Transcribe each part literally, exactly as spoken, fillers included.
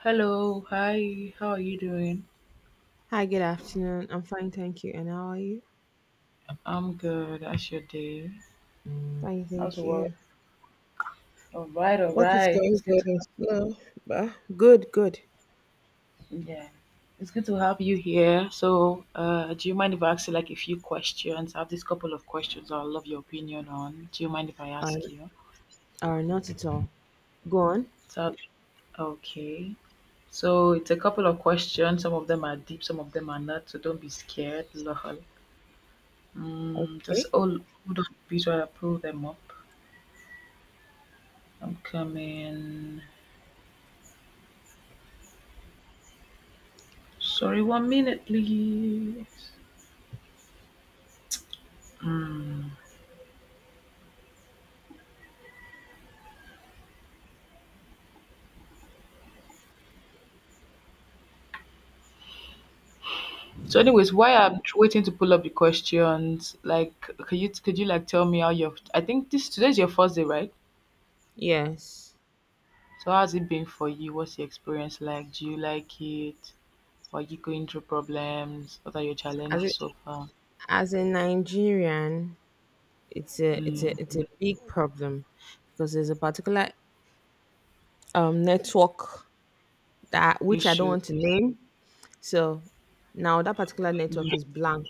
Hello, hi, how are you doing? Hi, good afternoon. I'm fine, thank you. And how are you? I'm good. How's your day? Fine, How's thank your you. work? All right, all Work is right. going It's good good to and slow, but good, good. yeah, it's good to have you here. So, uh, do you mind if I ask you like a few questions? I have this couple of questions I'd love your opinion on. Do you mind if I Um, ask you? or not at all. Go on. So, okay. So it's a couple of questions. Some of them are deep, some of them are not. So don't be scared. Lol. Mm, just Okay. all. Hold on a bit while I pull them up. I'm coming. Sorry, one minute, please. Mm. So, anyways, why I'm tr- waiting to pull up the questions, like, could you could you like tell me how your I think this today's your first day, right? Yes. So, how's it been for you? What's the experience like? Do you like it? Are you going through problems? What are your As a, challenges so far? as a Nigerian, it's a it's Mm. a it's a big problem because there's a particular um network that which I don't Issue. want to name. So now that particular network Yeah. is blank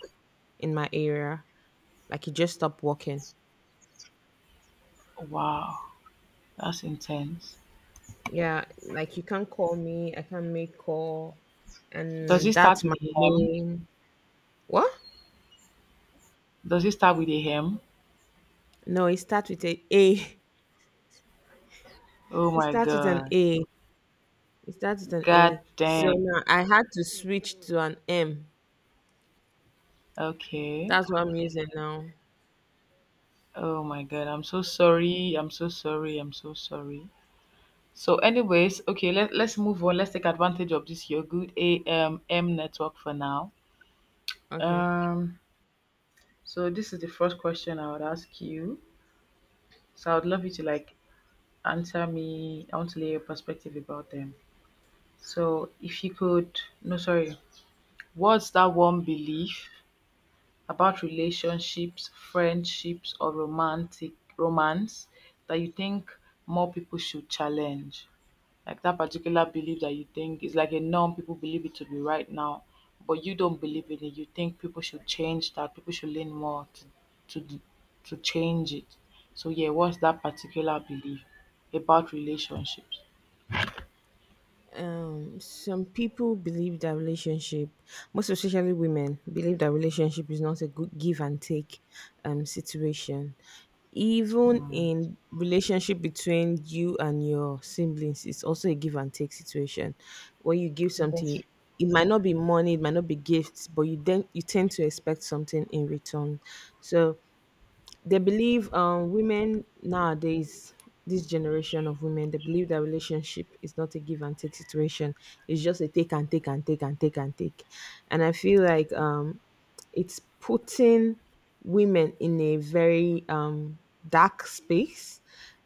in my area. Like it just stopped working. Wow, that's intense. Yeah, like you can't call me, I can't make call, Does and it start that's with my a hem? main. What? Does it start with a hem? No, it starts with a a Oh it my starts with an god. A. It starts with an God A, so dang. now I had to switch to an M. Okay. That's what I'm using now. Oh my god, I'm so sorry. I'm so sorry. I'm so sorry. So, anyways, okay, let, let's move on. Let's take advantage of this your good A M M network for now. Okay. Um, so this is the first question I would ask you. So I would love you to like answer me. I want to lay your perspective about them. So if you could no sorry, What's that one belief about relationships, friendships or romantic romance that you think more people should challenge? Like that particular belief that you think is like a norm, people believe it to be right now, but you don't believe in it. You think people should change that, people should learn more to to to change it. So yeah, what's that particular belief about relationships? um some people believe that relationship, most especially women, believe that relationship is not a good give and take um situation. Even in relationship between you and your siblings, it's also a give and take situation. When you give something, Gotcha. it might not be money, it might not be gifts, but you then you tend to expect something in return. So they believe, um women nowadays, this generation of women, they believe that relationship is not a give and take situation. It's just a take and take and take and take and take. And I feel like, um it's putting women in a very um dark space,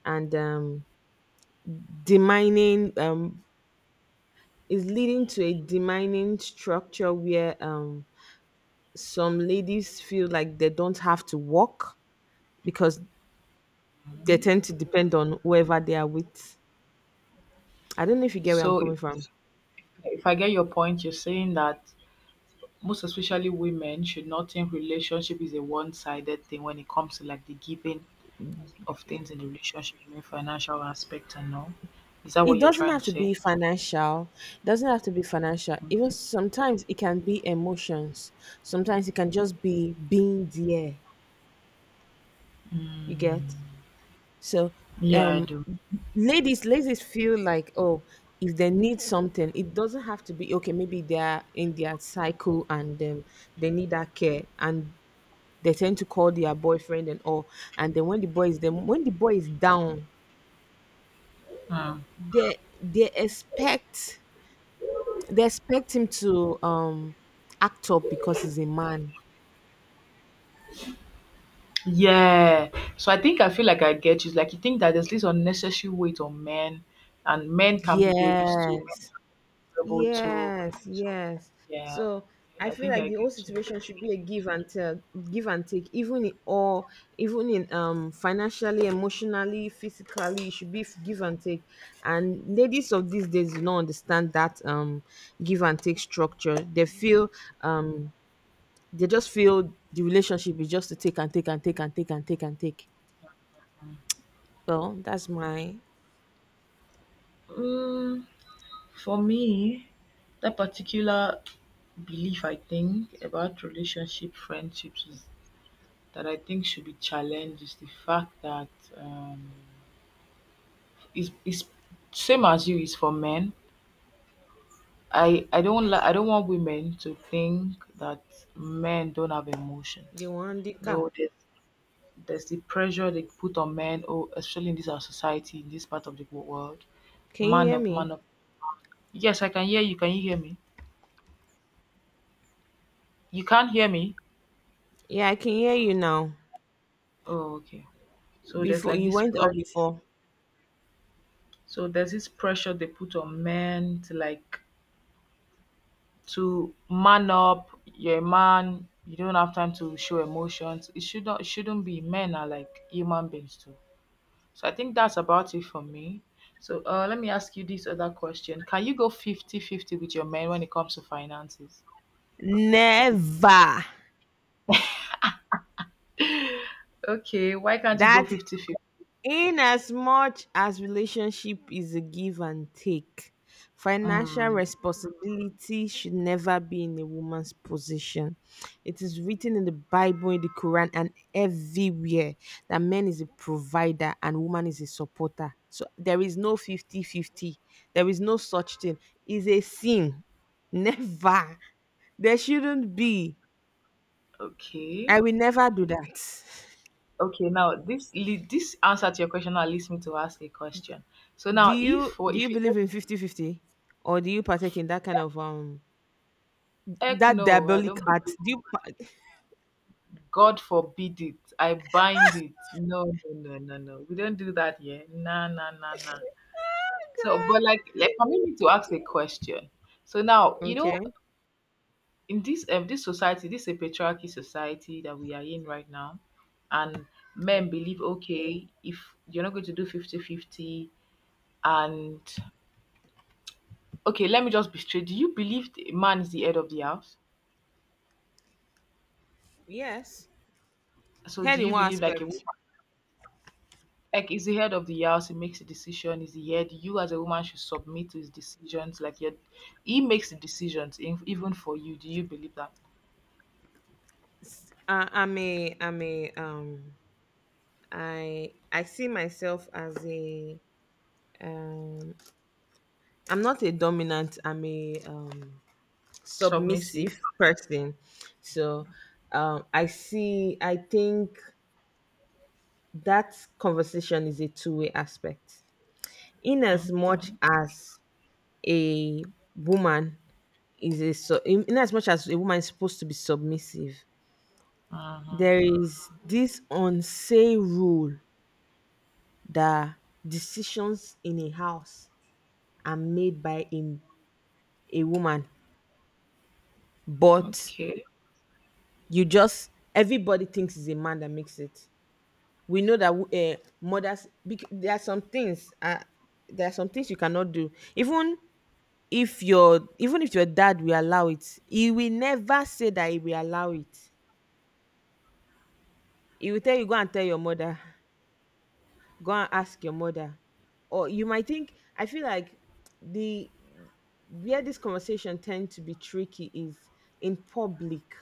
and um demining, um is leading to a demining structure where um some ladies feel like they don't have to work because they tend to depend on whoever they are with. I don't know if you get where I'm So coming if, from. if I get your point, you're saying that most especially women should not think relationship is a one-sided thing when it comes to like the giving of things in the relationship, you mean financial aspect and all. Is that It what you're doesn't trying have to to say? be financial. It doesn't have to be financial. Even sometimes it can be emotions. Sometimes it can just be being there. You Mm, get, so yeah, I um do. ladies ladies feel like, oh, if they need something, it doesn't have to be. Okay, maybe they're in their cycle and, um, they need that care, and they tend to call their boyfriend and all. And then when the boy is them when the boy is down, Mm. they they expect they expect him to um act up because he's a man. Yeah. So I think I feel like I get you. It's like you think that there's this unnecessary weight on men, and men can be babies too, Yes, vulnerable too. yes, yes. Yeah. So I I feel think like I the whole get you. situation should be a give and take, give and take, even in all, even in um financially, emotionally, physically, it should be give and take. And ladies of these days do not understand that um give and take structure. They feel um They just feel the relationship is just to take and take and take and take and take and take. Well, that's my. Mm, for me, that particular belief I think about relationship friendships is that I think should be challenged is the fact that um, is is same as you is for men. I I don't like I don't want women to think that men don't have The emotions. one, the cap. No, there's there's the pressure they put on men, oh, especially in this our society, in this part of the wo- world. Can you Man hear up, me? man up. Yes, I can hear you. Can you hear me? You can't hear me. Yeah, I can hear you now. Oh, okay. So there's Before like you this went up pressure. before. So there's this pressure they put on men to like to man up. You're a man. You don't have time to show emotions. It should not. It shouldn't be. Men are like human beings too. So I think that's about it for me. So uh, let me ask you this other question. Can you go fifty-fifty with your men when it comes to finances? Never. Okay, why can't you go That fifty-fifty? fifty. In as much as relationship is a give and take, financial Mm, responsibility should never be in a woman's position. It is written in the Bible, in the Quran, and everywhere that man is a provider and woman is a supporter. So there is no fifty-fifty. There is no such thing. It's a sin. Never. There shouldn't be. I okay. will never do that. Okay, now this le- this answer to your question now leads me to ask a question. So do now you if or do you if you say believe in fifty fifty, or do you partake in that kind of um heck that no, I diabolic don't art? believe. Do you pa- God forbid it, I bind it. No, no, no, no, no. We don't do that here. Nah, nah, nah, nah. So but like Oh, like for me to ask a question. So now, God. you Okay. know, in this um this society this a patriarchy society that we are in right now, and men believe okay if you're not going to do fifty-fifty, and okay let me just be straight, do you believe the man is the head of the house? Yes, So head do in you one believe like a woman aspect. like is the head of the house? He makes the decision, is the head, you as a woman should submit to his decisions, like you he makes the decisions in, even for you, do you believe that? Uh, i'm a i'm a um i i see myself as a, um I'm not a dominant, i'm a um Submissive. submissive person. So, um I see, I think that conversation is a two-way aspect. Inasmuch Okay. as a woman is a su- in- as much as a woman is supposed to be submissive, Uh huh. there is this unsay rule that decisions in a house are made by a, a woman, but Okay. you, just everybody thinks it's a man that makes it. We know that, uh, mothers bec- there are some things, uh, there are some things you cannot do. Even if your even if your dad will allow it, he will never say that he will allow it. He will tell you, go and tell your mother, go and ask your mother. Or you might think, I feel like the, where this conversation tend to be tricky is in public,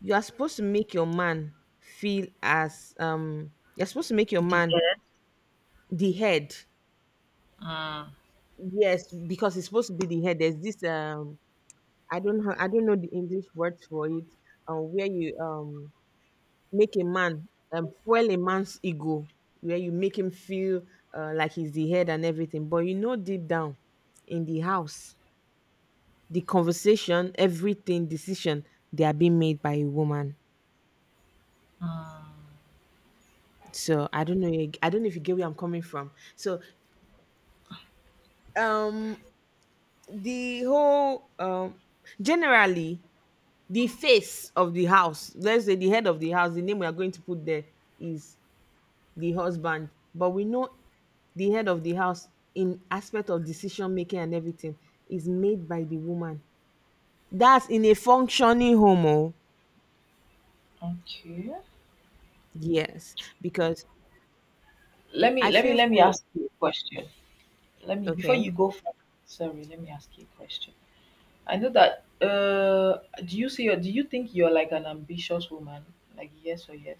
you are supposed to make your man feel as, um you're supposed to make your The man head. the head. Mm. Yes, because it's supposed to be the head. There's this, um I don't know, I don't know the English words for it. uh, where you, um make a man, um, fuel a man's ego, where you make him feel, uh, like he's the head and everything, but you know deep down in the house the conversation, everything, decision, they are being made by a woman. Mm. So I don't know, you- I don't know if you get where I'm coming from. So, um the whole, um generally, the face of the house, let's say the head of the house, the name we are going to put there is the husband. But we know the head of the house, in aspect of decision making and everything, is made by the woman. That's in a functioning home. Oh. Okay. Yes, because Let me I let me feel let me for. ask you a question. Let me before you Okay. go further. Sorry, let me ask you a question. I know that uh do you see do you think you're like an ambitious woman? Like yes or yes?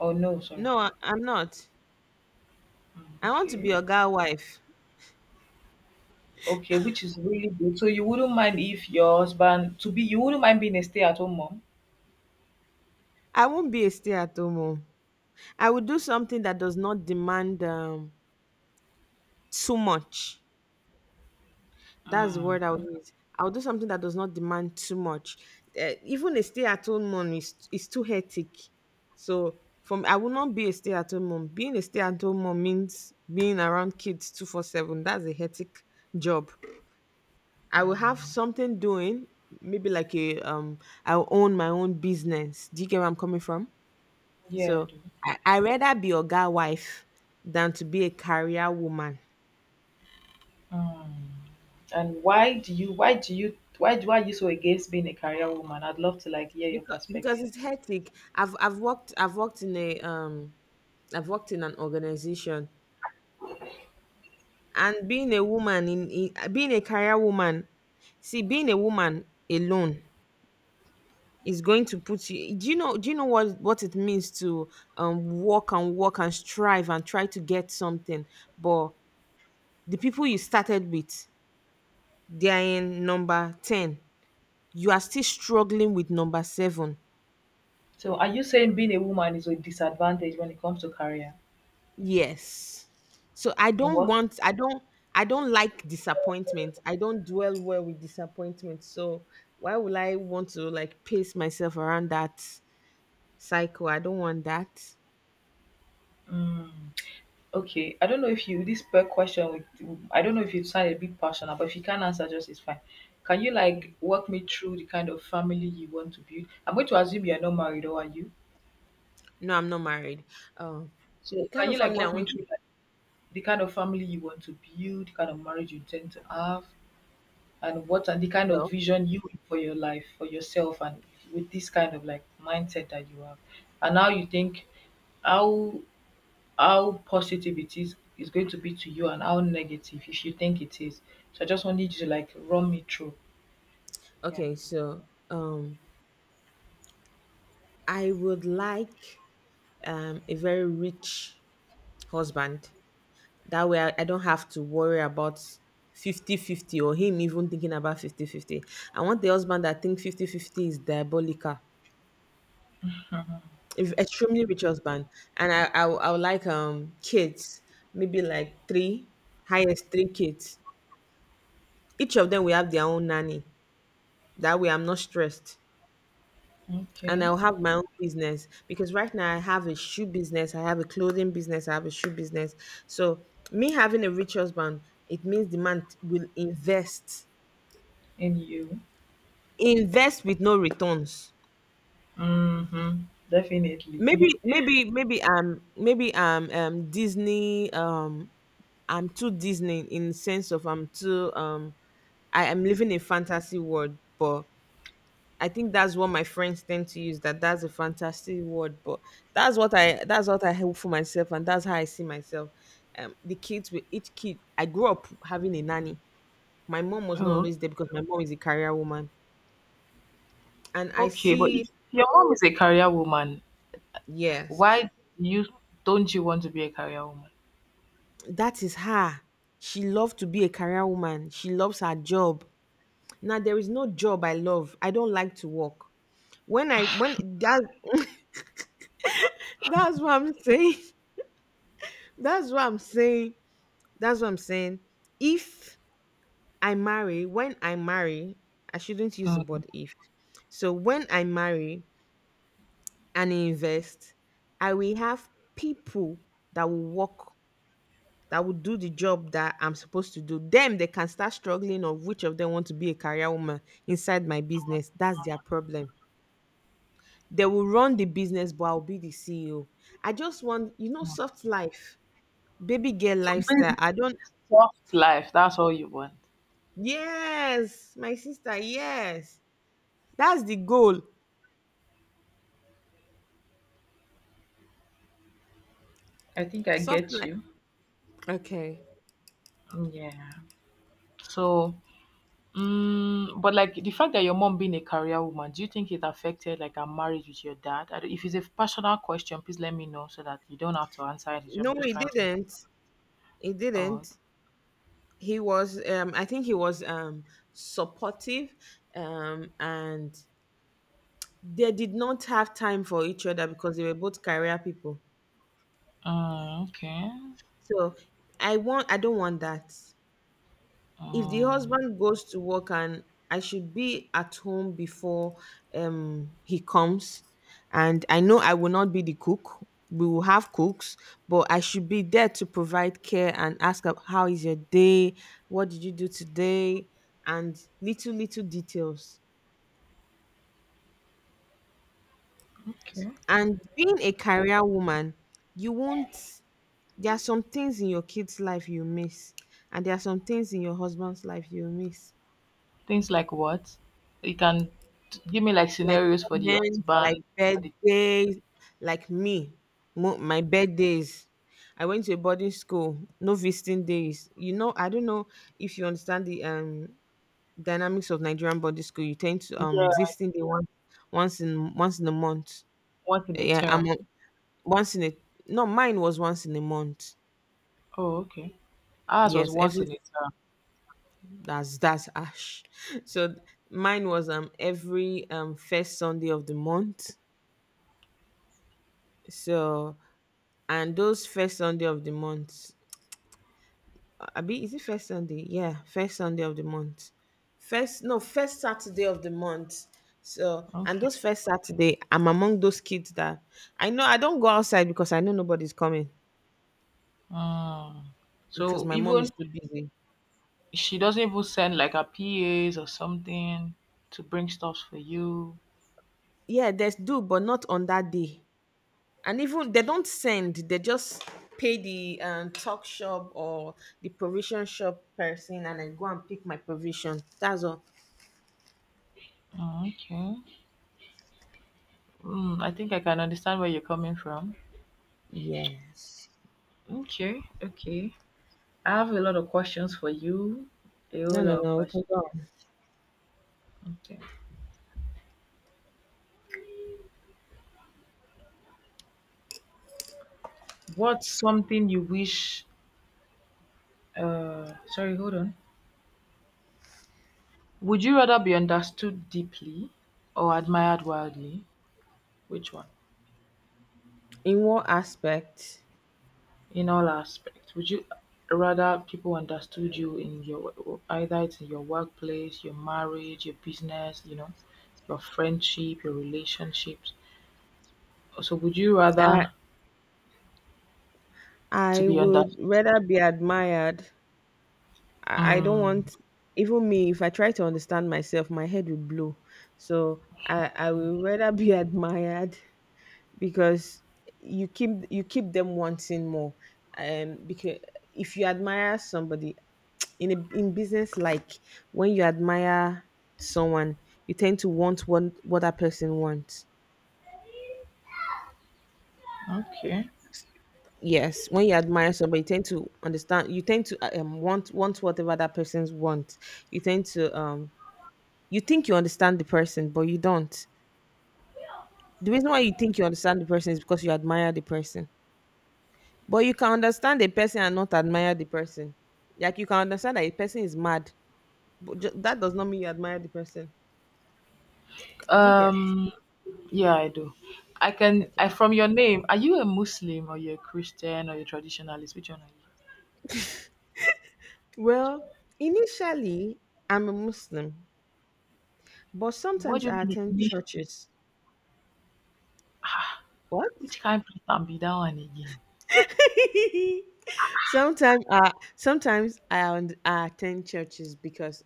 Oh no, sorry. No, I, I'm not. Mm, I want to be okay. a girl wife. Okay, which is really good. So you wouldn't mind if your husband to be you wouldn't mind being a stay-at-home mom? I won't be a stay at home. Oh. I will do something that does not demand, um, too much. That's the Mm. word I'll use. I'll do something that does not demand too much. Eh, even a stay-at-home mom is is too hectic. So from, I will not be a stay-at-home mom. Being a stay-at-home mom means being around kids twenty-four seven. That's a hectic job. I will have something doing, maybe like a, um. I'll own my own business. Do you get where I'm coming from? Yeah, I So do. I I rather be a guy wife than to be a career woman. Mm. And why do you why do you why do why are you so against being a career woman? I'd love to like hear your because because perspective. it's hectic. I've I've worked I've worked in a, um I've worked in an organization. And being a woman in, in being a career woman, see, being a woman alone is going to put you. Do you know do you know what what it means to um work and work and strive and try to get something, but the people you started with, they are in number ten, you are still struggling with number seven. So are you saying being a woman is a disadvantage when it comes to career Yes. So I and don't what? want I don't, I don't like disappointment. I don't dwell well with disappointment. So why would I want to like pace myself around that cycle? I don't want that. Mm, okay. I don't know if you this per question with I don't know if you sound a bit passionate, but if you can't answer just it's fine. Can you like walk me through the kind of family you want to build? I'm going to assume you're not married or are you? No, I'm not married. Um So kind can of you like family I walk me want through to, like, the kind of family you want to build, the kind of marriage you intend to have, and what are the kind of well. vision you have for your life, for yourself and with this kind of like mindset that you have and how you think how how positive it is is going to be to you and how negative if you think it is. So I just wanted you to like run me through. Yeah. Okay, so, um I would like, um a very rich husband. That way, I, I don't have to worry about fifty fifty or him even thinking about fifty fifty. I want the husband that thinks fifty fifty is diabolical, if extremely rich husband. And I, I, would- I would like, um kids, maybe like three, highest three kids. Each of them will have their own nanny. That way, I'm not stressed. And I'll Okay. have my own business because right now I have a shoe business, I have a clothing business, I have a shoe business. So me having a rich husband, it means the man will invest. And you. Invest with no returns. Mm-hmm. Definitely. Maybe maybe maybe um maybe um um Disney, um I'm too Disney in sense of, I'm too, um I am living a fantasy world, but I think that's what my friends tend to use, that that's a fantasy word. But that's what I that's what I hope for myself and that's how I see myself. Um, the kids, with each kid, I grew up having a nanny. My mom was not Oh, always there because my mom is a career woman, and I okay. But see. if your mom is a career woman, Yes, why you don't you want to be a career woman? that is her. She loved to be a career woman. She loves her job. Now there is no job I love. I don't like to work. When I when that that's what I'm saying. That's what I'm saying. That's what I'm saying. If I marry, when I marry, I shouldn't use the Mm. word if. So when I marry and invest, I will have people that will work, that would do the job that I'm supposed to do. Them, they can start struggling, of which of them want to be a career woman inside my business. That's their problem. They will run the business, but I'll be the C E O. I just want, you know, soft life, baby girl So lifestyle. I basically, don't, soft life. That's all you want. yes, my sister, yes. That's the goal. I think I Soft get life. you. Okay. Yeah. So mm, but like the fact that your mom being a career woman, do you think it affected like a marriage with your dad? I don't- If it's a personal question, please let me know so that you don't have to answer it. I'm No, just he trying to make didn't. it He didn't. odd. He was, um, I think he was, um, supportive, um, and they did not have time for each other because they were both career people. Mm, okay. So I want I don't want that. If the Mm, husband goes to work and I should be at home before um he comes, and I know I will not be the cook. We will have cooks, but I should be there to provide care and ask ab- how is your day? What did you do today? And little little details. okay. And being a career woman, you won't there are some things in your kid's life you miss, and there are some things in your husband's life you miss, Things like what? You can t- give me like like scenarios for the moments like husband, for the birthdays, like me, mo- my birthdays. I went to a boarding school, no visiting days, you know I don't know if you understand the um dynamics of Nigerian boarding school. You tend to, um yeah, visiting day once, once in once in a month. once in a Yeah, I'm term. on- once in a no, mine was once in a month. Oh, okay. Ours was Yes, every once in a term. That's that's ash. So mine was um every um first Sunday of the month. So and those first Sunday of the month, I is it first Sunday? Yeah, first Sunday of the month. First No, first Saturday of the month. So and Okay. those first Saturday, I'm among those kids that I know I don't go outside because I know nobody's coming, Mm. because So my mom is even too busy. she doesn't even send like her P As or something to bring stuff for you. Yeah, there's do, but not on that day. And even they don't send, they just pay the um, talk shop or the provision shop person, and I go and pick my provision. That's all. Oh, okay. Mm, I think I can understand where you're coming from. Yes. Okay, okay. I have a lot of questions for you. A No, whole no, lot of no, we can questions. go on. Okay. What's something you wish? Uh, sorry, hold on. Would you rather be understood deeply or admired wildly? Which one? In what aspect? In all aspects? Would you rather people understood you in your either it's in your workplace, your marriage, your business, you know, your friendship, your relationships? So would you i rather to i be understood? would rather be admired. I, I don't Mm, want, even me, if I try to understand myself my head will blow. So i i would rather be admired, because you keep you keep them wanting more, um because if you admire somebody in a, in business like when you admire someone, you tend to want what what that person wants. okay. Yes, when you admire somebody, you tend to understand, you tend to um want want whatever that person's want. You tend to um You think you understand the person, but you don't. The reason why you think you understand the person is because you admire the person. But you can understand a person and not admire the person. Like you can understand that a person is mad, but ju- that does not mean you admire the person. Do you get? Um. Yeah, I do. I can. I Okay. from your name. Are you a Muslim or you're a Christian or you're a traditionalist? Which one are you? Well, initially, I'm a Muslim, but What sometimes do I you attend mean? A churches. What? which kind of can be that one again? sometimes uh sometimes I, und- I attend churches because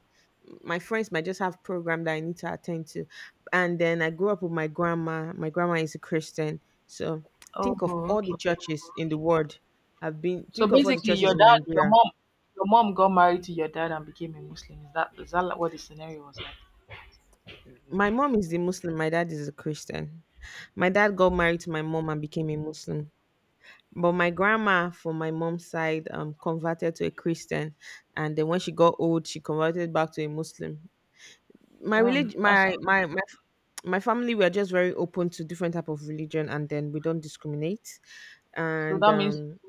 my friends might just have program that I need to attend to. And then I grew up with my grandma. My grandma is a Christian. So Oh, think of all the okay. churches in the world. I've been, So think of all the basically, churches your in dad, your Nigeria. mom, your mom got married to your dad and became a Muslim. Is that is that like what the scenario was like? My mom is the Muslim, my dad is a Christian. My dad got married to my mom and became a Muslim. But my grandma from my mom's side, um, converted to a Christian, and then when she got old, she converted back to a Muslim. My Damn, religion, that's my my my my family were just very open to different type of religion, and then we don't discriminate. so. And That means, um,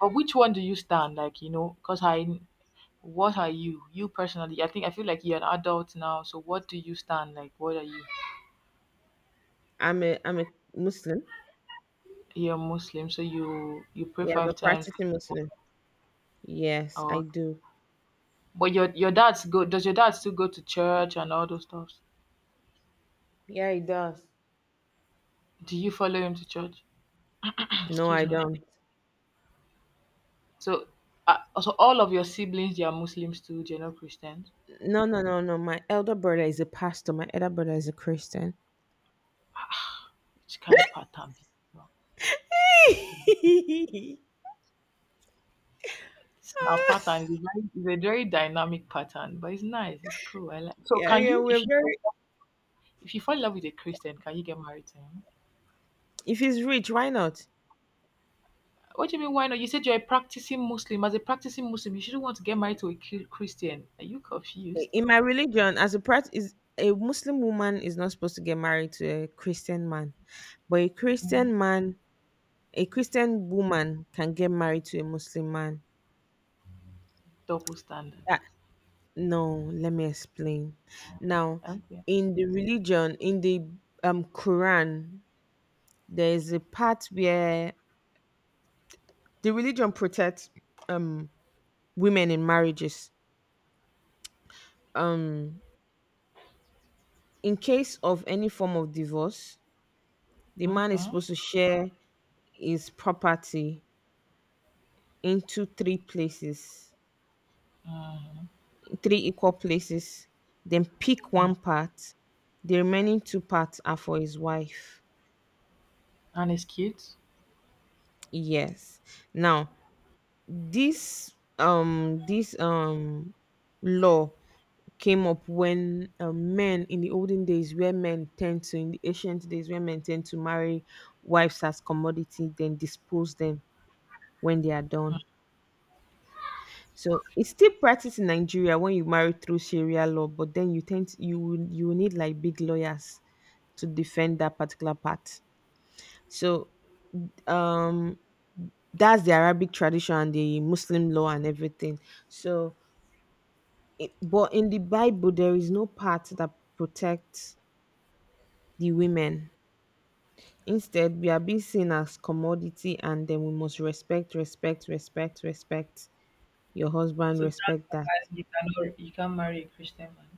but which one do you stand? Like you know, because I, what are you? You personally, I think I feel like you're an adult now. So what do you stand? Like what are you? I'm a I'm a Muslim. You're Muslim, so you you pray Yeah, I'm a five times. practicing Muslim. Yes, I Or do. but your your dad's go. Does your dad still go to church and all those stuff? Yeah, it does. Do you follow him to church? No, I Excuse me. don't. So, uh, so all of your siblings, they are Muslims too. They're not Christians. No, no, no, no. My elder brother is a pastor. My elder brother is a Christian. Which Kind pattern. Be now? Yeah, It's now pattern is a very, is a very dynamic pattern, but it's nice. It's cool. I like. So, can yeah, you, if we're you, very— if you fall in love with a Christian, can you get married to him? If he's rich, why not? What do you mean? Why not? You said you're a practicing Muslim. As a practicing Muslim, you shouldn't want to get married to a Chri- Christian. Are you confused? In my religion, as a prat is a Muslim woman is not supposed to get married to a Christian man, but a Christian man, a Christian woman can get married to a Muslim man. Double standard. That No, let me explain. Now, Okay. in the religion, in the um Quran, there is a part where the religion protects um women in marriages. Um, in case of any form of divorce, the man is Okay. supposed to share his property into three places, Mhm. three equal places, then pick one part. The remaining two parts are for his wife. And it's cute. Yes. Now, this um this um law came up when, uh, men in the olden days where men tend to, in the ancient days where men tend to marry wives as commodity then dispose them when they are done. So it's still practiced in Nigeria when you marry through Sharia law, but then you tend to, you will- you will need like big lawyers to defend that particular part. So um that's the Arabic tradition and the Muslim law and everything. So it, but in the Bible there is no part that protects the women. Instead, we are being seen as commodity, and then we must respect, respect, respect, respect your husband, So that's respect why that. you cannot you can not marry a Christian man.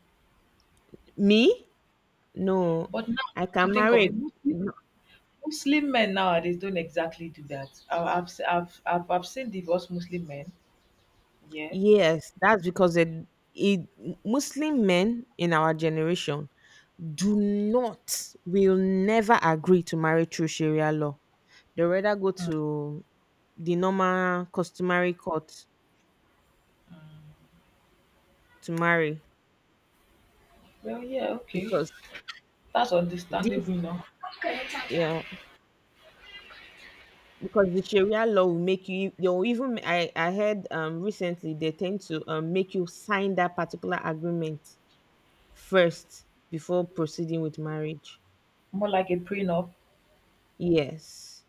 Me? No, But now I to can think of marry. it, a- most No. Muslim men nowadays don't exactly do that. I, I've, se- I've I've I've seen divorced Muslim men. Yeah. Yes, that's because it, it Muslim men in our generation do not will never agree to marry through Sharia law. They rather go Mm. to the normal customary court to marry, Well, yeah, okay, because that's this understandable now. yeah, because the Sharia law will make you they'll even I I heard um recently they tend to um make you sign that particular agreement first before proceeding with marriage. More like a prenup. Yes.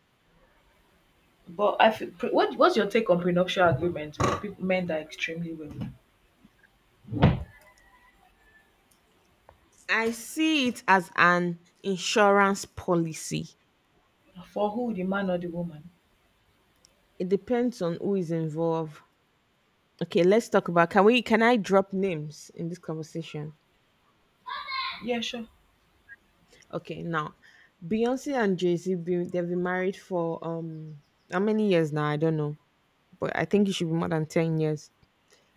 But I feel, pre, what what's your take on prenuptial agreements? With people, men that are extremely wealthy. I see it as an insurance policy. For who, the man or the woman? It depends on who is involved. Okay, let's talk about can we can I drop names in this conversation? Yeah, sure. Okay, now, Beyonce and Jay-Z been, they've been married for um how many years now? I don't know. But I think it should be more than ten years.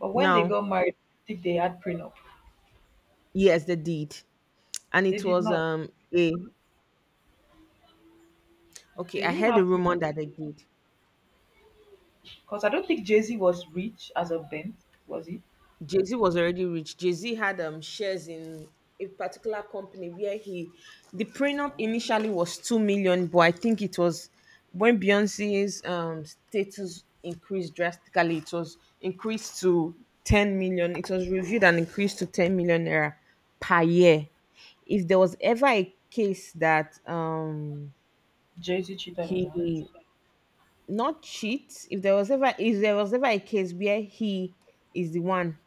But when they Now, got married, I think they had prenup. yes, they did. And They it did was not. um a okay, They I didn't heard a have prenup rumor that they did. because I don't think Jay Z was rich as of then, was he? Jay Z was already rich. Jay Z had um shares in a particular company where he the prenup initially was two million, but I think it was when Beyonce's um status increased drastically, it was increased to ten million. It was reviewed and increased to ten million naira per year. If there was ever a case that um Jay Z cheated on her. he— not cheat. If there was ever, if there was ever a case where he is the one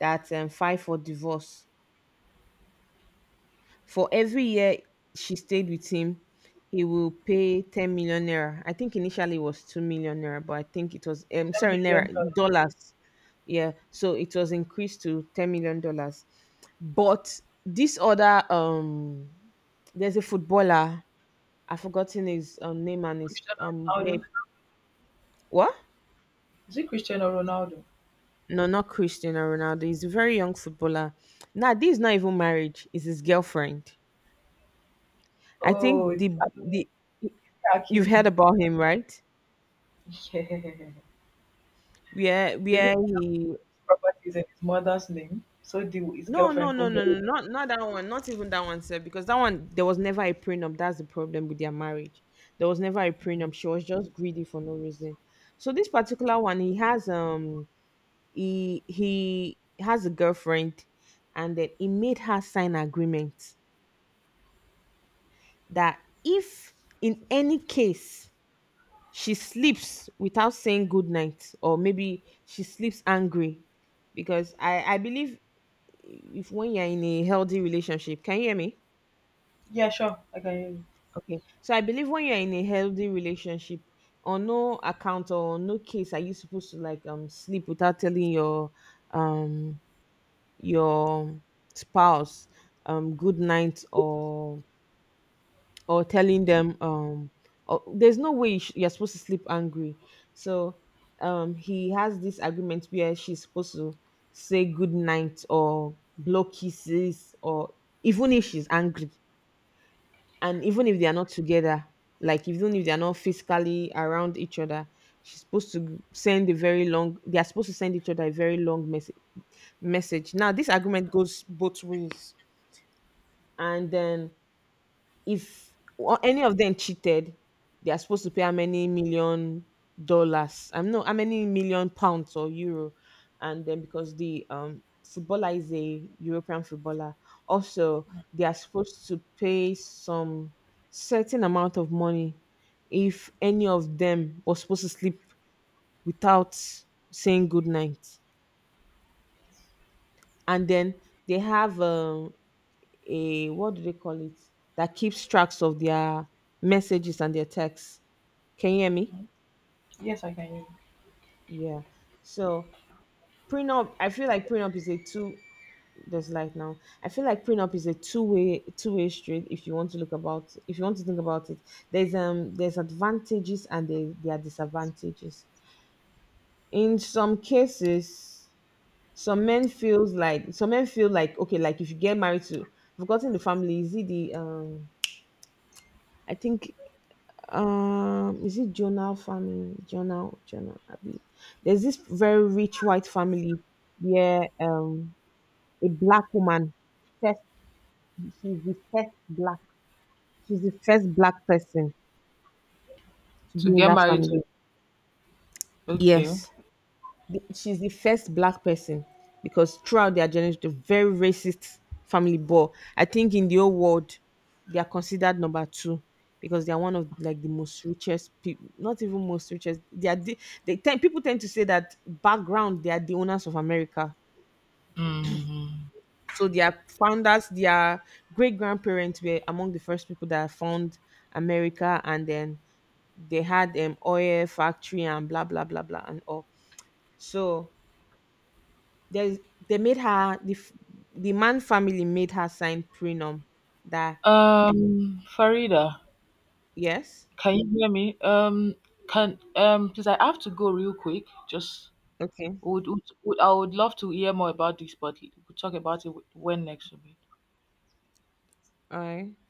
that, um, filed for divorce. For every year she stayed with him, he will pay ten million naira. I think initially it was two million naira, but I think it was, um, Ten sorry, naira, million dollars. dollars. Yeah. So it was increased to ten million dollars. But this other, um, there's a footballer, I've forgotten his um, name and his, Cristiano um, where- Ronaldo? what? Is it Cristiano Ronaldo? No, not Cristiano Ronaldo. He's a very young footballer. Now, this is not even marriage, it's his girlfriend. I Oh, think the, the, you've Hakimi. heard about him, right? Yeah. where They where don't he have properties in his mother's name, so the, his No, no, girlfriend no, could no, get it. no, not not that one, not even that one, sir, because that one there was never a prenup. That's the problem with their marriage. There was never a prenup. She was just greedy for no reason. So this particular one, he has um he he has a girlfriend, and then he made her sign agreement that if, in any case, she sleeps without saying good night, or maybe she sleeps angry. Because I, I believe, if when you're in a healthy relationship, can you hear me? Yeah, sure. I can hear you. Okay. So I believe when you're in a healthy relationship, on no account or on no case are you supposed to like um sleep without telling your, um your spouse, um good night, or, or telling them um or, there's no way you sh- you're supposed to sleep angry. So um he has this agreement where she's supposed to say good night or blow kisses, or even if she's angry, and even if they are not together, like even if they are not physically around each other, she's supposed to send a very long they are supposed to send each other a very long message. Message now, this argument goes both ways. And then, if o- any of them cheated, they are supposed to pay how many million dollars? I'm not, how many million pounds or euro, and then because the um footballer is a European footballer, also they are supposed to pay some certain amount of money if any of them was supposed to sleep without saying good night. And then they have um a, what do they call it, that keeps tracks of their messages and their texts. Can you hear me? Yes, I can hear you. Yeah. So prenup, I feel like prenup is a two. There's light now. I feel like prenup is a two way two way street. If you want to look about, if you want to think about it, there's um there's advantages and there there are disadvantages. In some cases, some men feels like some men feel like okay, like if you get married to— I've forgotten the family. Is it the um? I think, um is it Jonah family? Jonah, Jonah Abi. There's this very rich white family where um a black woman first she's the first black she's the first black person to be To in get that married to. family. Okay. Yes. The- she's the first black person, because throughout their journey, the very racist family ball. I think in the whole world, they are considered number two because they are one of like the most richest people. Not even most richest. They are the, they tend people tend to say that background they are the owners of America. Mm. So their founders, their great grandparents were among the first people that found America, and then they had um oil factory and blah blah blah blah and all. So, There's they made her the f- the man family made her sign prenum that. Um, Farida, Yes. can you hear me? Um, can um, Because I have to go real quick. Just Okay. would, would, would I would love to hear more about this, but we'll talk about it when next we meet. All right.